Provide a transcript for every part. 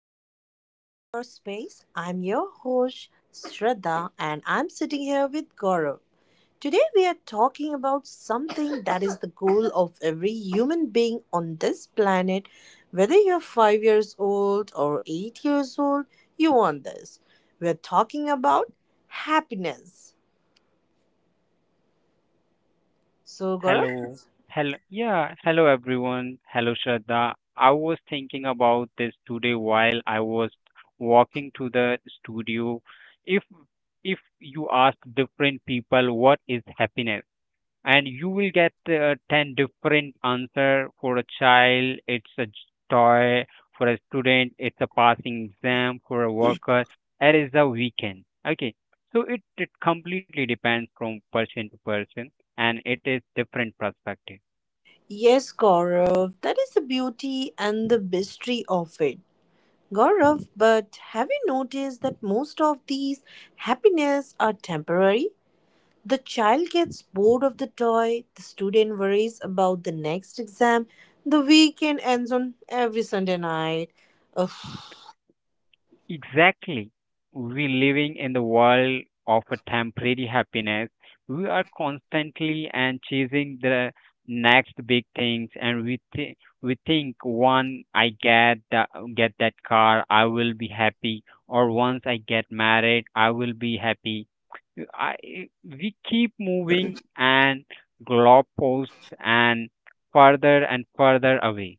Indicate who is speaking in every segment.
Speaker 1: Welcome back to our space. I'm your host, Shraddha, and I'm sitting here with Gaurav. Today, we are talking about something that is the goal of every human being on this planet. Whether you're five years old or eight years old, you want this. We're talking about happiness. So, Gaurav?
Speaker 2: Hello. Hello. Yeah. Hello, everyone. Hello, Shraddha. I was thinking about this today while I was walking to the studio. If if you ask different people what is happiness, and you will get 10 different answer. For a child it's a toy, for a student it's a passing exam, for a worker it is a weekend. Okay, so it completely depends from person to person, and it is different perspective.
Speaker 1: Yes, Gaurav, that is the beauty and the mystery of it. Gaurav, but have you noticed that most of these happiness are temporary? The child gets bored of the toy, the student worries about the next exam, the weekend ends on every Sunday night. Ugh,
Speaker 2: Exactly. We living in the world of a temporary happiness. We are constantly and chasing the next big things, and we think one I get the, get that car, I will be happy, or once I get married, I will be happy. I we keep moving and goalposts and further away.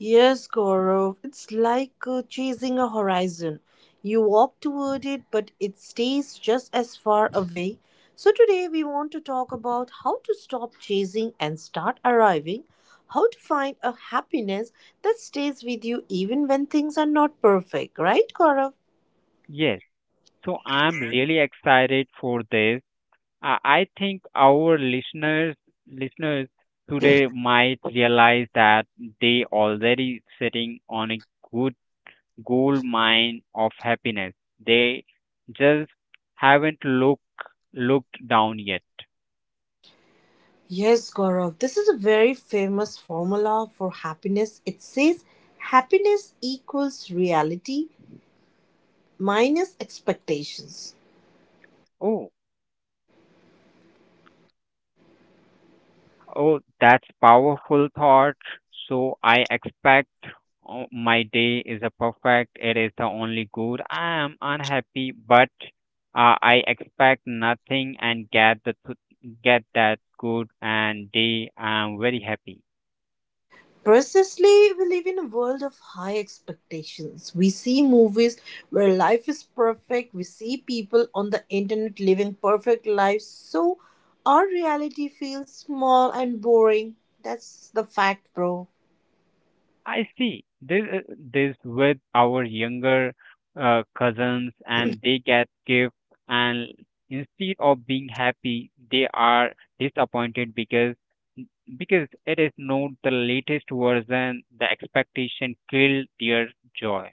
Speaker 1: Yes, Gaurav, it's like chasing a horizon. You walk toward it, but it stays just as far away. So, today we want to talk about how to stop chasing and start arriving, how to find a happiness that stays with you even when things are not perfect, right, Gaurav?
Speaker 2: Yes. So I'm really excited for this. I think our listeners listeners today might realize that they already sitting on a good gold mine of happiness. They just haven't looked down yet.
Speaker 1: Yes, Gaurav, this is a very famous formula for happiness. It says happiness equals reality minus expectations.
Speaker 2: Oh, oh, that's powerful thought. So I expect, oh, my day is a perfect. It is the only good. I am unhappy, but I expect nothing and get get that good and day. I am very happy.
Speaker 1: Precisely, we live in a world of high expectations. We see movies where life is perfect. We see people on the internet living perfect lives. So our reality feels small and boring. That's the fact, bro.
Speaker 2: I see. This this with our younger cousins, and they get gifts, and instead of being happy, they are disappointed because it is not the latest version. The expectation killed their joy.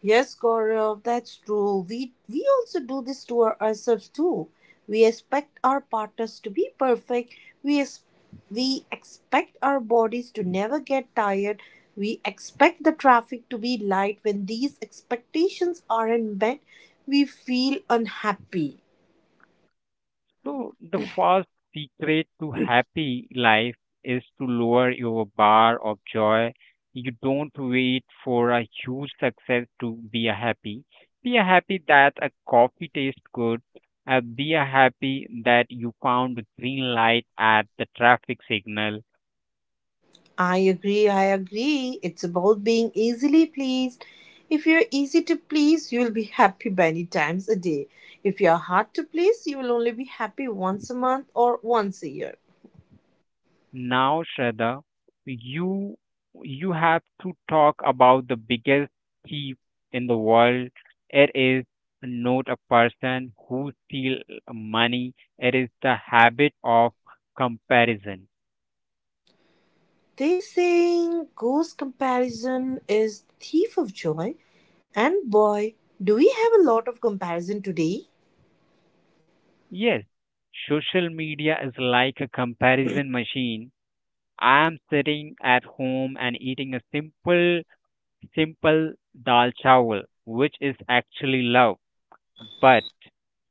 Speaker 1: Yes, Gaurav, that's true. We also do this to ourselves too. We expect our partners to be perfect. We ex- we expect our bodies to never get tired. We expect the traffic to be light. When these expectations aren't met, we feel unhappy.
Speaker 2: So the first secret to happy life is to lower your bar of joy. You don't wait for a huge success to be a happy. Be a happy that a coffee tastes good. Be a happy that you found a green light at the traffic signal.
Speaker 1: I agree, I agree. It's about being easily pleased. If you're easy to please, you'll be happy many times a day. If you're hard to please, you'll only be happy once a month or once a year.
Speaker 2: Now, Shraddha, you you have to talk about the biggest thief in the world. It is not a person who steal money. It is the habit of comparison.
Speaker 1: They saying, "Goes comparison is thief of joy," and boy, do we have a lot of comparison today?
Speaker 2: Yes, social media is like a comparison machine. I am sitting at home and eating a simple dal chawal, which is actually love. But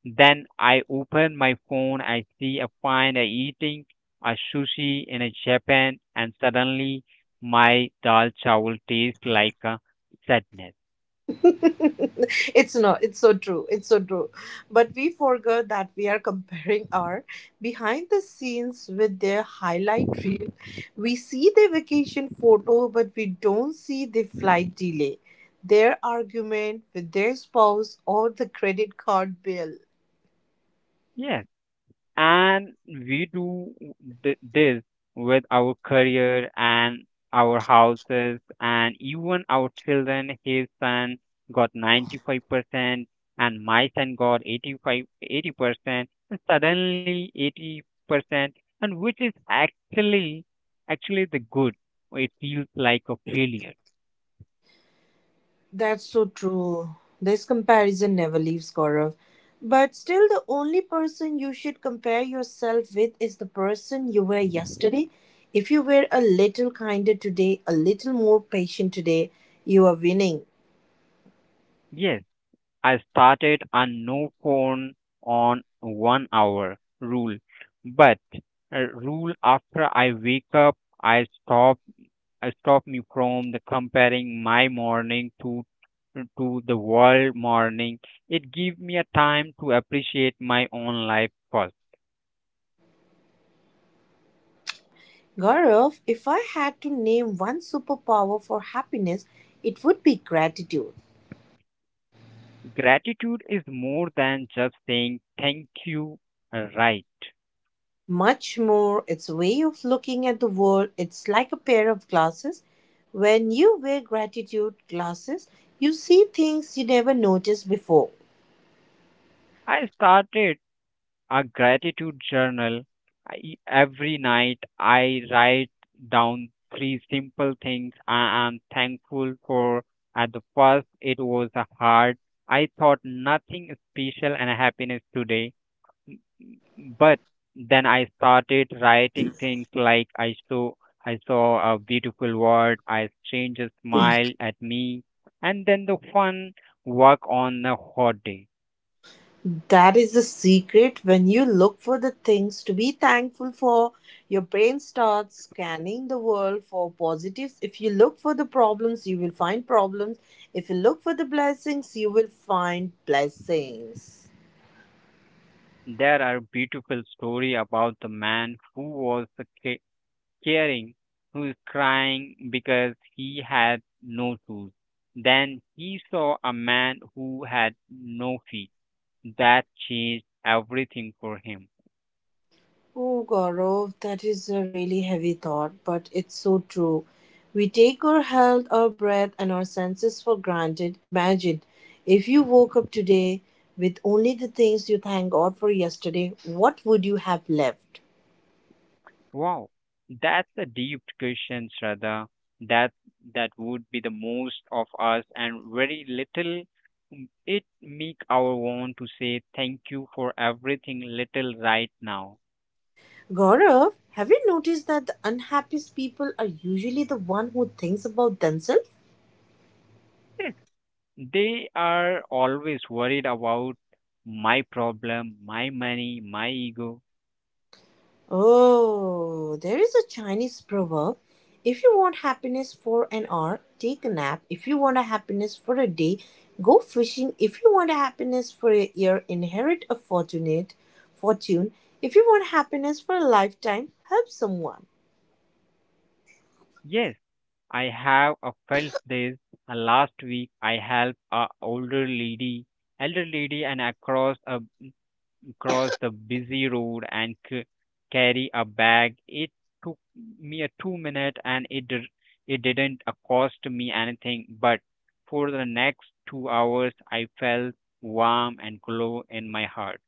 Speaker 2: then I open my phone, I see a friend I eating a sushi in a Japan, and suddenly my dal chawal tastes like a sadness.
Speaker 1: it's not it's so true, it's so true, but we forgot that we are comparing our behind the scenes with their highlight reel. We see their vacation photo but we don't see the flight delay, their argument with their spouse or the credit card bill.
Speaker 2: Yeah, and we do this with our career and our houses and even our children. His son got 95% and my son got 85 80%, and suddenly 80%, and which is actually the good, it feels like a failure.
Speaker 1: That's so true. This comparison never leaves Gaurav. But still, the only person you should compare yourself with is the person you were yesterday. If you were a little kinder today, a little more patient today, you are winning.
Speaker 2: Yes, I started a no phone on 1 hour rule, but a rule after I wake up, I stop I stop me from the comparing my morning to the world morning. It give me a time to appreciate my own life first.
Speaker 1: Gaurav, if I had to name one superpower for happiness, it would be gratitude.
Speaker 2: Gratitude is more than just saying thank you, right?
Speaker 1: Much more, its way of looking at the world. It's like a pair of glasses. When you wear gratitude glasses, you see things you never noticed before.
Speaker 2: I started a gratitude journal. I, every night I write down three simple things I am thankful for. At the first, it was hard. I thought nothing special and happiness today. But then I started writing things like I saw a beautiful world, I stranger smiled at me, and then the fun work on a hot day.
Speaker 1: That is the secret. When you look for the things to be thankful for, your brain starts scanning the world for positives. If you look for the problems, you will find problems. If you look for the blessings, you will find blessings.
Speaker 2: There are beautiful story about the man who was the caring, who is crying because he had no shoes. Then he saw a man who had no feet. That changed everything for him.
Speaker 1: Oh, Gaurav, that is a really heavy thought, but it's so true. We take our health, our breath, and our senses for granted. Imagine if you woke up today with only the things you thank God for yesterday, what would you have left?
Speaker 2: Wow, that's a deep question, Shraddha. That that would be the most of us and very little. It make our want to say thank you for everything little right now.
Speaker 1: Gaurav, have you noticed that the unhappiest people are usually the one who thinks about themselves?
Speaker 2: They are always worried about my problem, my money, my ego.
Speaker 1: Oh, there is a Chinese proverb. If you want happiness for an hour, take a nap. If you want a happiness for a day, go fishing. If you want a happiness for a year, inherit a fortunate fortune. If you want happiness for a lifetime, help someone.
Speaker 2: Yes, I have felt this. Last week, I helped a older lady, elder lady, and across a cross the busy road and carry a bag. It took me a 2 minute and it didn't cost me anything. But for the next 2 hours, I felt warm and glow in my heart.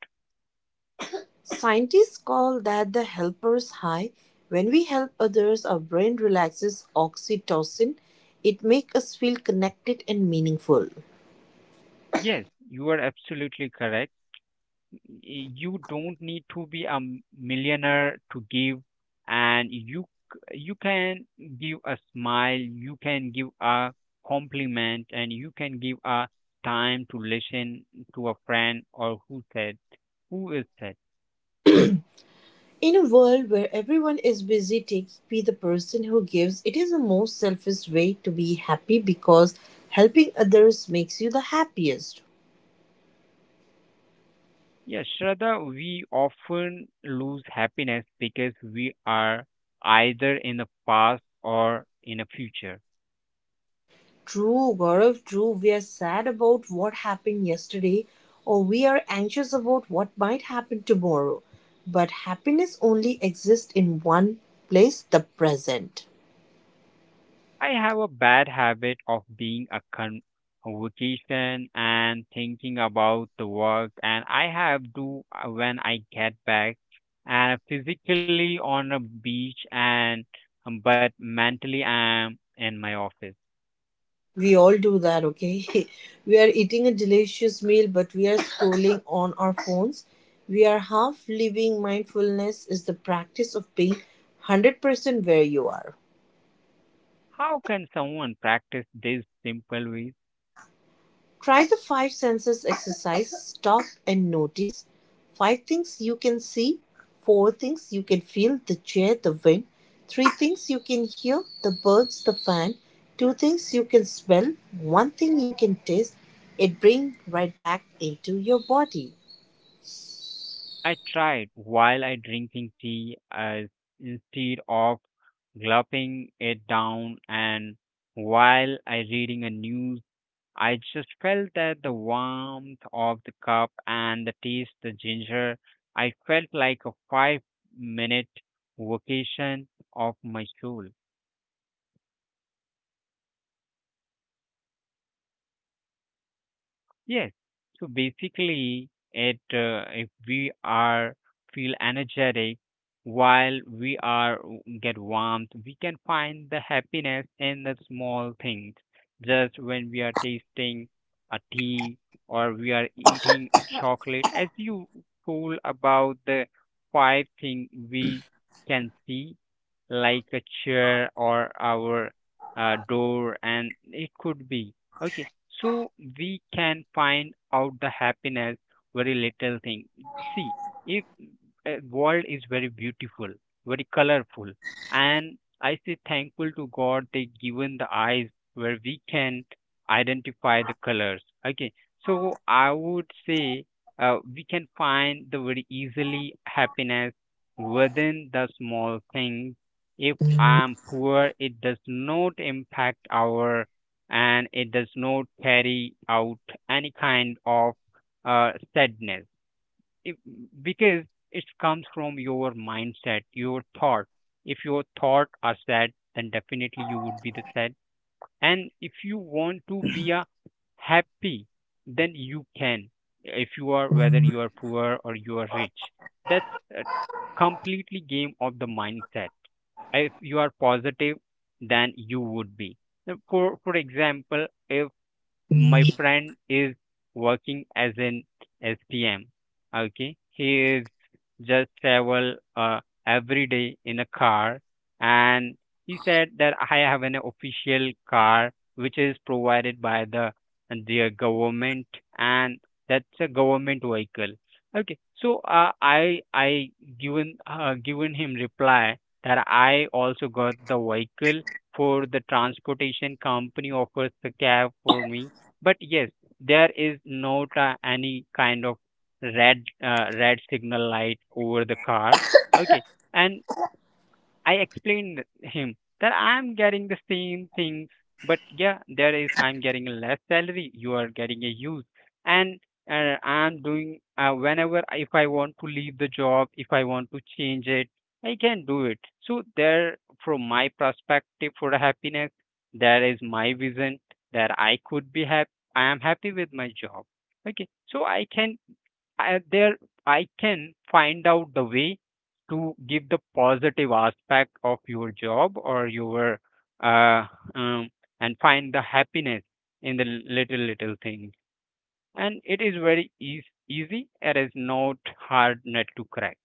Speaker 1: Scientists call that the helper's high. When we help others, our brain relaxes oxytocin. It makes us feel connected and meaningful.
Speaker 2: Yes, you are absolutely correct. You don't need to be a millionaire to give, and you you can give a smile, you can give a compliment, and you can give a time to listen to a friend or who said who is said.
Speaker 1: In a world where everyone is busy taking, be the person who gives. It is the most selfish way to be happy because helping others makes you the happiest.
Speaker 2: Yes, Shraddha, we often lose happiness because we are either in the past or in the future.
Speaker 1: True, Gaurav, true. We are sad about what happened yesterday or we are anxious about what might happen tomorrow. But happiness only exists in one place, the present.
Speaker 2: I have a bad habit of being a vacation and thinking about the work, and I have to when I get back and physically on a beach and but mentally I'm in my office.
Speaker 1: We all do that, okay? We are eating a delicious meal, but we are scrolling on our phones. We are half living. Mindfulness is the practice of being 100% where you are.
Speaker 2: How can someone practice this simple ways?
Speaker 1: Try the five senses exercise. Stop and notice five things you can see, four things you can feel, the chair, the wind, three things you can hear, the birds, the fan, two things you can smell, one thing you can taste. It brings right back into your body.
Speaker 2: I tried while I drinking tea, instead of gulping it down and while I reading a news, I just felt that the warmth of the cup and the taste, the ginger. I felt like a 5 minute vacation of my soul. Yes. So basically, it if we are feel energetic while we are get warmth, we can find the happiness in the small things. Just when we are tasting a tea or we are eating a chocolate, as you told about the five thing we can see, like a chair or our door, and it could be okay. So we can find out the happiness very little thing. See if world is very beautiful, very colorful, and I say thankful to god they given the eyes where we can identify the colors. Okay, so I would say we can find the very easily happiness within the small things. If I'm poor, it does not impact our and it does not carry out any kind of sadness, if because it comes from your mindset, your thought. If your thought are sad, then definitely you would be the sad. And if you want to be a happy, then you can. If you are whether you are poor or you are rich, that's a completely game of the mindset. If you are positive, then you would be. Now, For example, if my friend is working as an STM. Okay, he is just travel every day in a car. And he said that I have an official car which is provided by the government, and that's a government vehicle. Okay, so I given given him reply that I also got the vehicle for the transportation company offers the cab for me. But yes, there is not any kind of red red signal light over the car, okay. And I explained him that I'm getting the same things, but yeah, there is I'm getting a less salary, you are getting a use. And I'm doing whenever if I want to leave the job, if I want to change it, I can do it. So there, from my perspective for the happiness, there is my vision that I could be happy, I am happy with my job. Okay, so I can I, there I can find out the way to give the positive aspect of your job or your uh, um, and find the happiness in the little little things. And it is very easy. It is not hard nut to crack.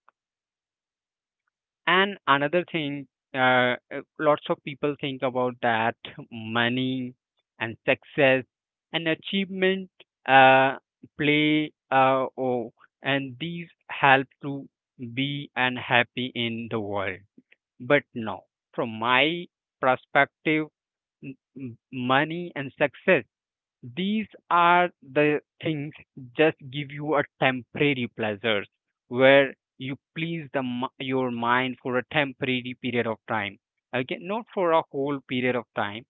Speaker 2: And another thing, lots of people think about that money and success and achievement, uh, play and these help to be and happy in the world. But no, from my perspective, money and success, these are the things just give you a temporary pleasures where you please the your mind for a temporary period of time. Okay, not for a whole period of time.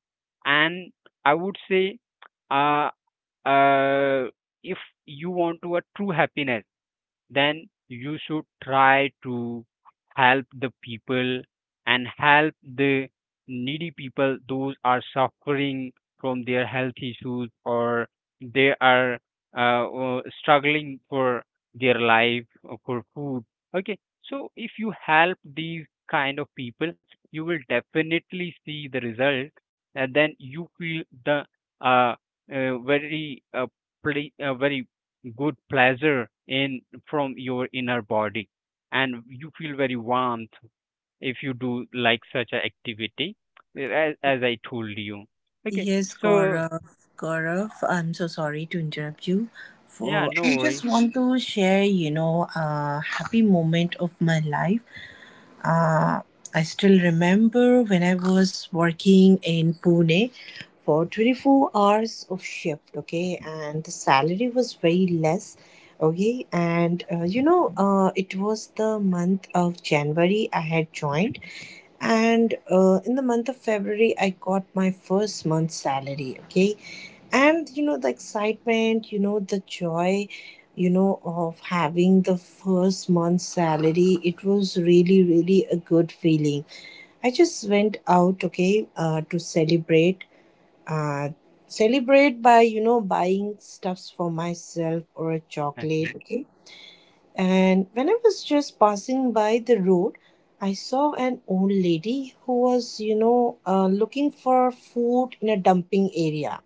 Speaker 2: And I would say, uh, uh, if you want to a true happiness, then you should try to help the people and help the needy people those are suffering from their health issues, or they are struggling for their life or for food. Okay, so if you help these kind of people, you will definitely see the result, and then you feel the uh, very very good pleasure in from your inner body, and you feel very warmth if you do like such a activity, as I told you, okay.
Speaker 1: Yes,
Speaker 2: So
Speaker 1: Gaurav. Gaurav, I'm so sorry to interrupt you.
Speaker 2: yeah,
Speaker 1: For
Speaker 2: no
Speaker 1: I just
Speaker 2: worries,
Speaker 1: want to share, you know, a happy moment of my life. Uh, I still remember when I was working in Pune for 24 hours of shift, okay, and the salary was very less, okay, and you know, it was the month of January I had joined, and in the month of February I got my first month's salary, okay, and you know the excitement, you know the joy, you know, of having the first month's salary. It was really, really a good feeling. I just went out, okay, to celebrate, uh, celebrate by, you know, buying stuffs for myself or a
Speaker 2: okay,
Speaker 1: chocolate, okay, and when I was just passing by the road, I saw an old lady who was, you know, looking for food in a dumping area.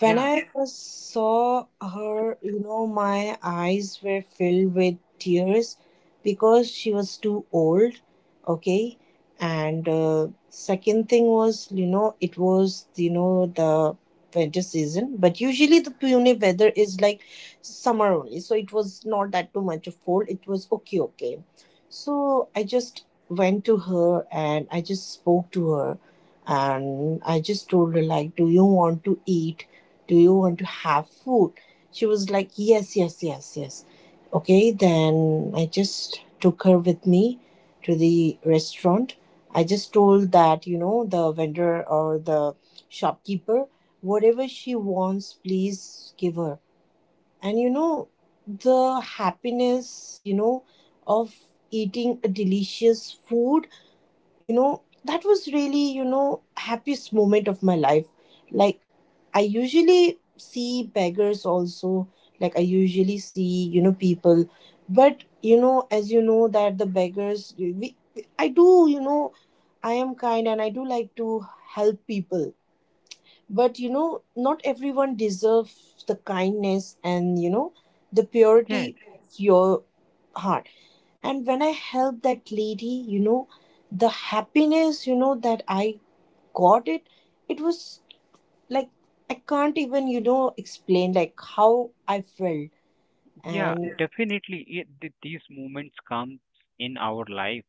Speaker 1: When I first saw her, you know, my eyes were filled with tears because she was too old, okay? And second thing was, you know, it was, you know, the winter season, but usually the Pune weather is like summer only, so it was not that too much of cold, it was okay, okay. So I just went to her and I just spoke to her and I just told her, like, do you want to eat? Do you want to have food? She was like, yes, yes, yes, yes, okay. Then I just took her with me to the restaurant. I just told that, you know, the vendor or the shopkeeper, whatever she wants, please give her. And you know the happiness, you know, of eating a delicious food, you know, that was really, you know, happiest moment of my life. Like, I usually see beggars also, like, I usually see, you know, people, but you know, as you know that the beggars, we, I do, you know, I am kind and I do like to help people, but you know, not everyone deserves the kindness and you know the
Speaker 2: Yes,
Speaker 1: purity of your heart. And when I helped that lady, you know, the happiness, you know, that I got it, it was like, I can't even, you know, explain like how I felt.
Speaker 2: yeah,
Speaker 1: And
Speaker 2: definitely. These moments comes in our life,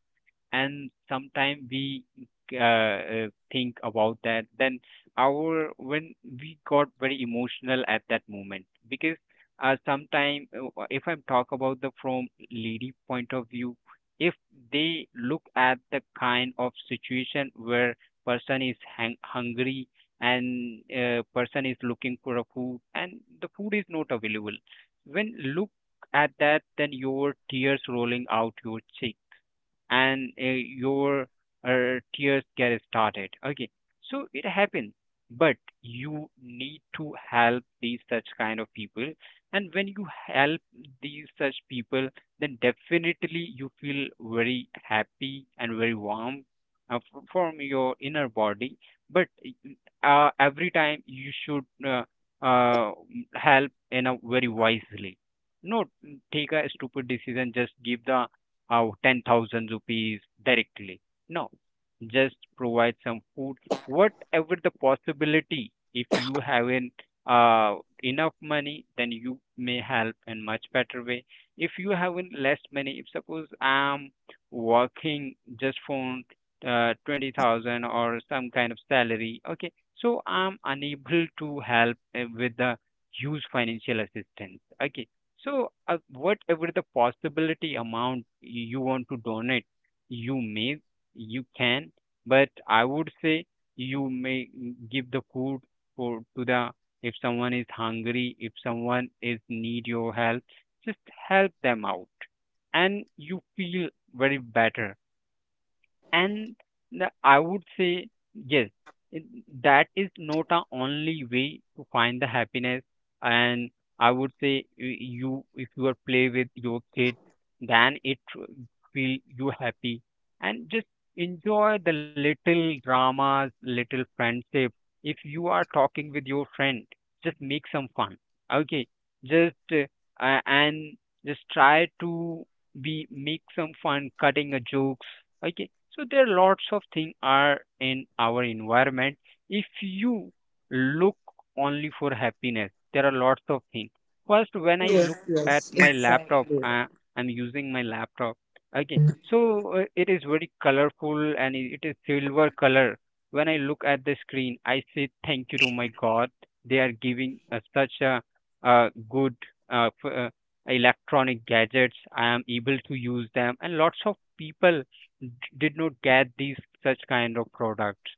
Speaker 2: and sometimes we think about that, then our when we got very emotional at that moment, because sometime, if I'm talk about the from lady point of view, if they look at the kind of situation where person is hungry, and person is looking for a food and the food is not available, when look at that, then your tears rolling out your cheek, and your tears get started. Okay, so it happens. But you need to help these such kind of people. And when you help these such people, then definitely you feel very happy and very warm from your inner body. But every time you should uh, help in a very wisely. Not take a stupid decision. Just give the out 10,000 rupees directly. No, just provide some food, whatever the possibility. If you haven't uh, enough money, then you may help in much better way. If you haven't less money, if suppose I'm working just for 20,000 or some kind of salary, okay, so I'm unable to help with the huge financial assistance. Okay, so, whatever the possibility amount you want to donate, you may, you can, but I would say you may give the food for to the if someone is hungry, if someone is need your help, just help them out, and you feel very better and the, I would say, yes, it, that is not a only way to find the happiness. And I would say, you if you are play with your kid, then feel you happy. And just enjoy the little dramas, little friendship. If you are talking with your friend, just make some fun. Okay, just and just try to be make some fun, cutting a jokes. Okay, so there are lots of things are in our environment. If you look only for happiness, there are lots of things. First, when I
Speaker 1: yes,
Speaker 2: look
Speaker 1: yes,
Speaker 2: at my laptop,
Speaker 1: exactly.
Speaker 2: I'm using my laptop. Okay, so it is very colorful and it is silver color. When I look at the screen, I say thank you to my God. They are giving such a good uh, f- uh, electronic gadgets. I am able to use them, and lots of people did not get these such kind of products,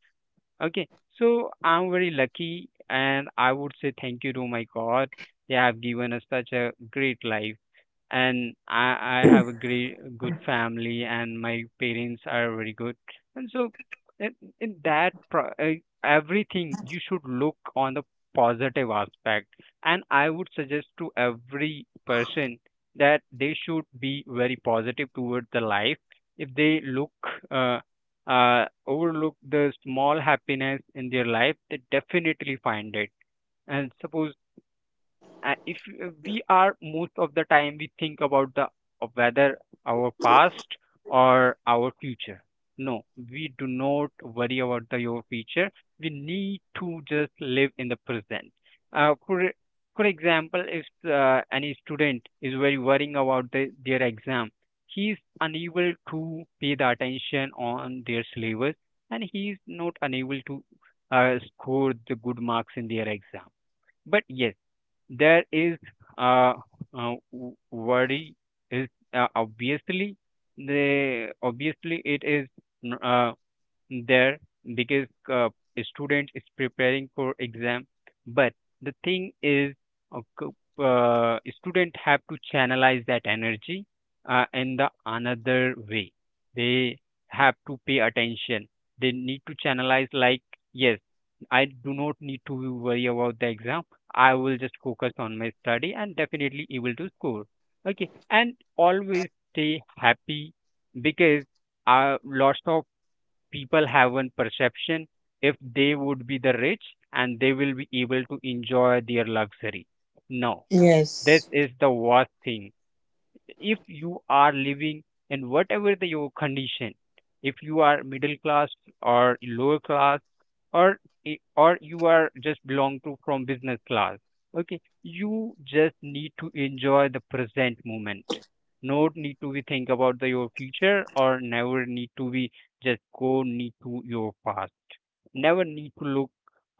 Speaker 2: okay, so I'm very lucky and I would say thank you to my God. They have given us such a great life, and I have a great good family and my parents are very good, and so in, in everything you should look on the positive aspect. And I would suggest to every person that they should be very positive toward the life. If they look uh, overlook the small happiness in their life, they definitely find it. And suppose if we are most of the time we think about the, whether our past or our future. No, we do not worry about the your future. We need to just live in the present. For for example, if any student is very worrying about the, their exam, he is unable to pay the attention on their syllabus, and he is not unable to score the good marks in their exam. But yes, there is uh, worry is obviously the obviously it is n- uh, there because a student is preparing for exam. But the thing is uh, co- student have to channelize that energy in the another way. They have to pay attention. They need to channelize like, yes, I do not need to worry about the exam. I will just focus on my study and definitely able to score. Okay, and always stay happy, because lots of people have one perception: if they would be the rich and they will be able to enjoy their luxury. No, this
Speaker 1: Yes.
Speaker 2: is the worst thing. If you are living in whatever the, your condition, if you are middle class or lower class or or you are just belong to from business class, okay, you just need to enjoy the present moment, not need to be think about the, your future, or never need to be just go need to your past, never need to look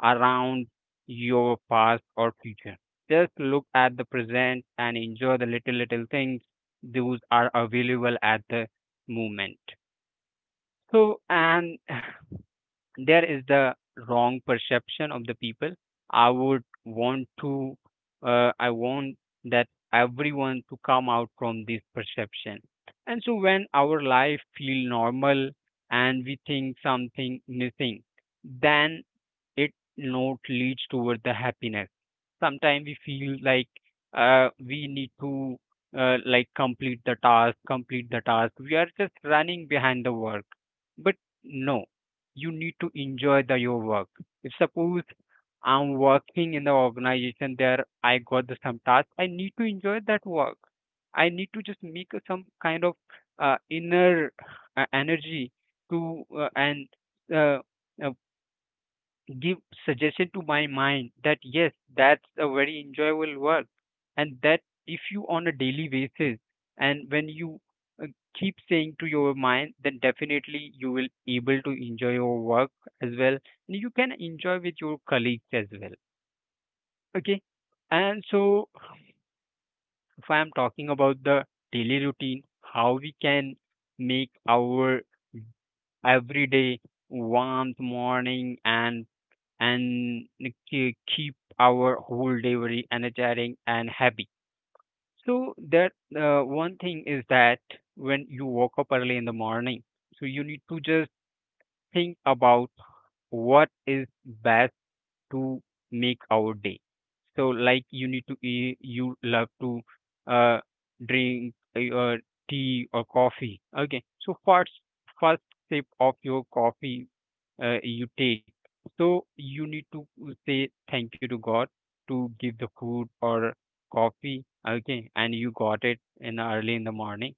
Speaker 2: around your past or future. Just look at the present and enjoy the little little things those are available at the moment. So and there is the wrong perception of the people. I would want to I want that everyone to come out from this perception. And so when our life feel normal and we think something missing, then it not leads toward the happiness. Sometimes we feel like we need to like complete the task, complete the task. We are just running behind the work. But no, you need to enjoy the your work. If suppose I'm working in the organization there, I got the some task. I need to enjoy that work. I need to just make a some kind of inner energy to and uh, uh, give suggestion to my mind that yes, that's a very enjoyable work. And that if you on a daily basis, and when you uh, keep saying to your mind, then definitely you will able to enjoy your work as well, and you can enjoy with your colleagues as well. Okay, and so if I am talking about the daily routine, how we can make our everyday warmth morning and keep our whole day very energetic and happy. So that one thing is that when you woke up early in the morning, so you need to just think about what is best to make our day. So like you need to eat, you love to uh, drink tea or coffee. Okay, so first sip of your coffee you take. So you need to say thank you to God to give the food or coffee, okay, and you got it in early in the morning.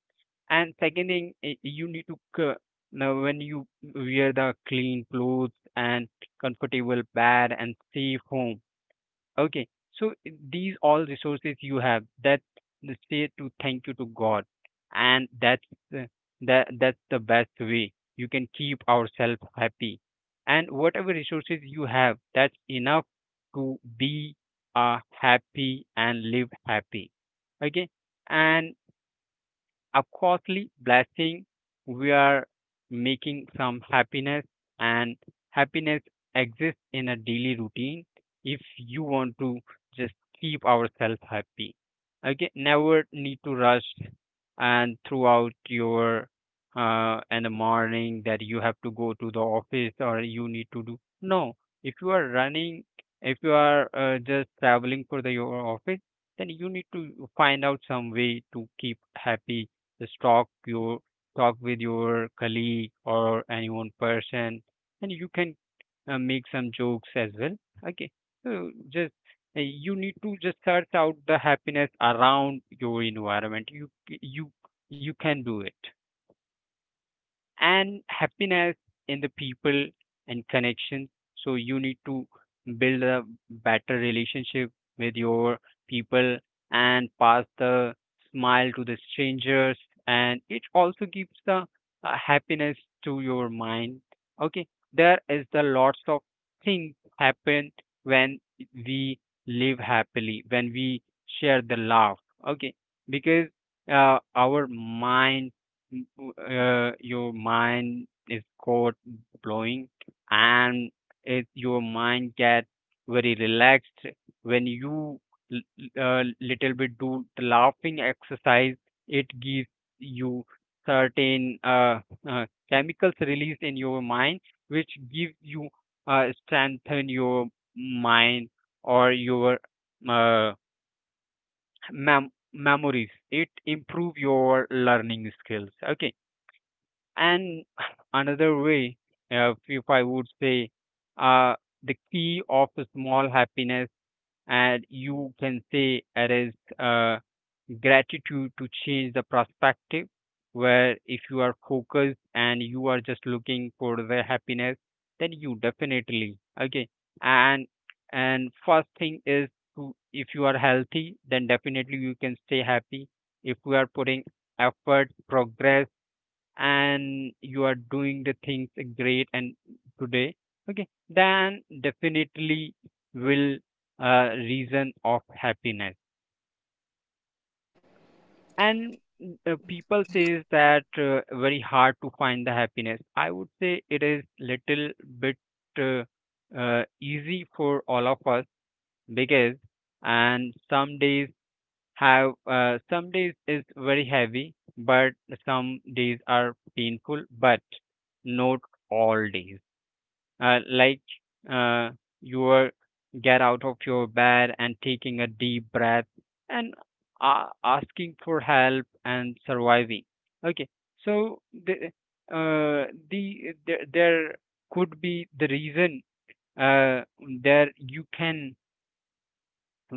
Speaker 2: And second thing, you need to now when you wear the clean clothes and comfortable bed and safe home. Okay, so these all resources you have that the say to thank you to God, and that's the, that's the best way you can keep ourselves happy. And whatever resources you have, that's enough to be happy and live happy. Okay. And a costly blessing. We are making some happiness, and happiness exists in a daily routine if you want to just keep ourselves happy. Okay, never need to rush and throughout your in the morning that you have to go to the office or you need to do. No, if you are running, if you are just traveling for the your office, then you need to find out some way to keep happy. Just talk with your colleague or anyone person, and you can make some jokes as well. Okay, so just you need to just search out the happiness around your environment. You you can do it, and happiness in the people and connections. So you need to build a better relationship with your people and pass the smile to the strangers, and it also gives the happiness to your mind. Okay, there is the lots of things happen when we live happily, when we share the love. Okay, because uh, our mind Mm, your mind is caught blowing, and your mind get very relaxed when you l- little bit do the laughing exercise. It gives you certain chemicals released in your mind, which gives you strengthen your mind or your uh, memories. It improve your learning skills, okay. And another way, if I would say, uh, the key of a small happiness, and you can say it is gratitude to change the perspective. Where if you are focused and you are just looking for the happiness, then you definitely okay. And and first thing is to if you are healthy, then definitely you can stay happy. If we are putting effort, progress, and you are doing the things great and today, okay, then definitely will reason of happiness. And people says that very hard to find the happiness. I would say it is little bit uh, easy for all of us, because and some days have some days is very heavy but some days are painful but not all days uh, like uh, you are get out of your bed and taking a deep breath and asking for help and surviving, okay. So the there could be the reason uh, there you can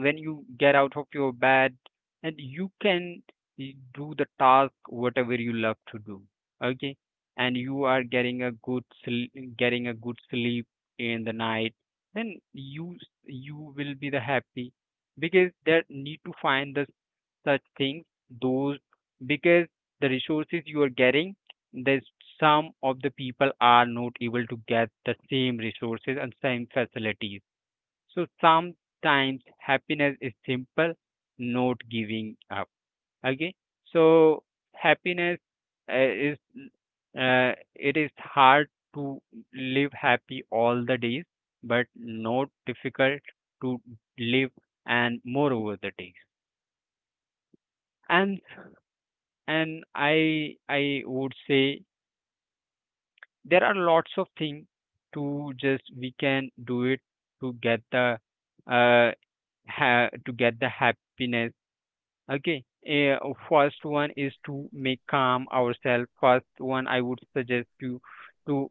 Speaker 2: when you get out of your bed, and you can do the task whatever you love to do, okay. And you are getting a getting a good sleep in the night, then you will be the happy, because there need to find the such things those because the resources you are getting, there's some of the people are not able to get the same resources and same facilities. So sometimes happiness is simple, not giving up. Okay. So happiness is it is hard to live happy all the days, but not difficult to live and more over the days. And and I would say there are lots of things to just we can do it to get the uh to get the happiness. Okay. First one is to make calm ourselves. First one, I would suggest to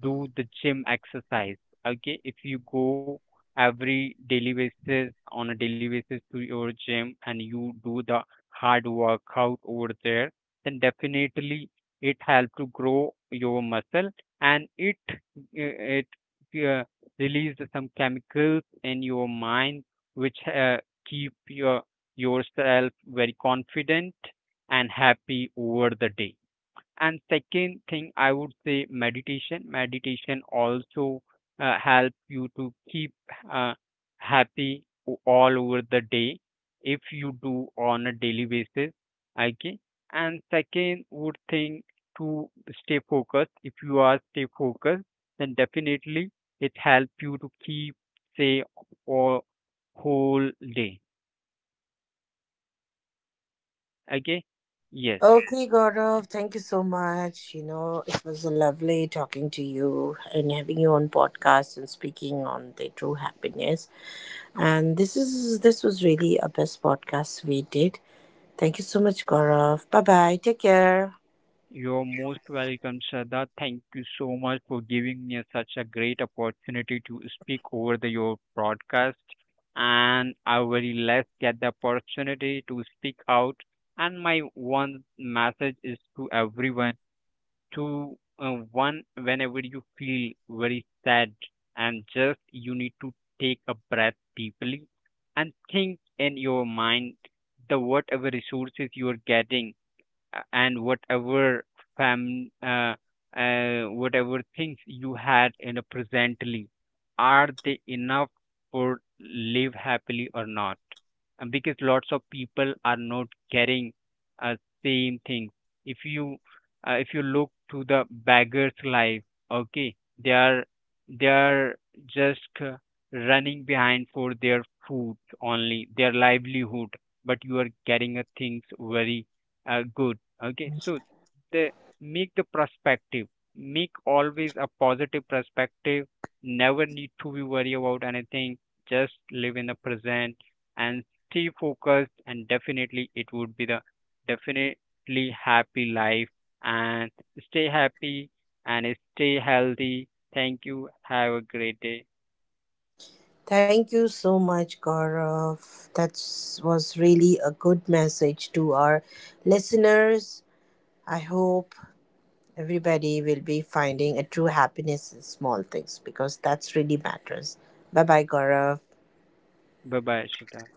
Speaker 2: do the gym exercise. Okay, if you go every daily basis on a daily basis to your gym and you do the hard workout over there, then definitely it help to grow your muscle, and it uh, release some chemicals in your mind which keep your yourself very confident and happy over the day. And second thing, I would say meditation. Meditation also help you to keep uh, happy all over the day if you do on a daily basis. Okay. And second would think to stay focused. If you are stay focused, then definitely it help you to keep say or whole day. Okay? Yes,
Speaker 1: Okay, Gaurav, thank you so much. You know, it was lovely talking to you and having you on podcast and speaking on the true happiness. And this was really a best podcast we did. Thank you so much, Gaurav. Bye bye. Take care.
Speaker 2: you're most welcome, Shraddha. Thank you so much for giving me such a great opportunity to speak over the, your broadcast. And I very less get the opportunity to speak out. And my one message is to everyone to one, whenever you feel very sad, and just you need to take a breath deeply and think in your mind the whatever resources you are getting, and whatever fam uh, whatever things you had in a presently, are they enough for live happily or not? And because lots of people are not getting uh, same thing. If you if you look to the beggar's life, okay, they are they are just running behind for their food, only their livelihood, but you are getting a things very good. Okay, so the make the perspective, make always a positive perspective. Never need to be worry about anything. Just live in the present and stay focused, and definitely it would be the definitely happy life. And stay happy and stay healthy. Thank you. Have a great day.
Speaker 1: Thank you so much, Gaurav. That was really a good message to our listeners. I hope everybody will be finding a true happiness in small things because that's really matters. Bye bye, Gaurav.
Speaker 2: Bye bye, Shita.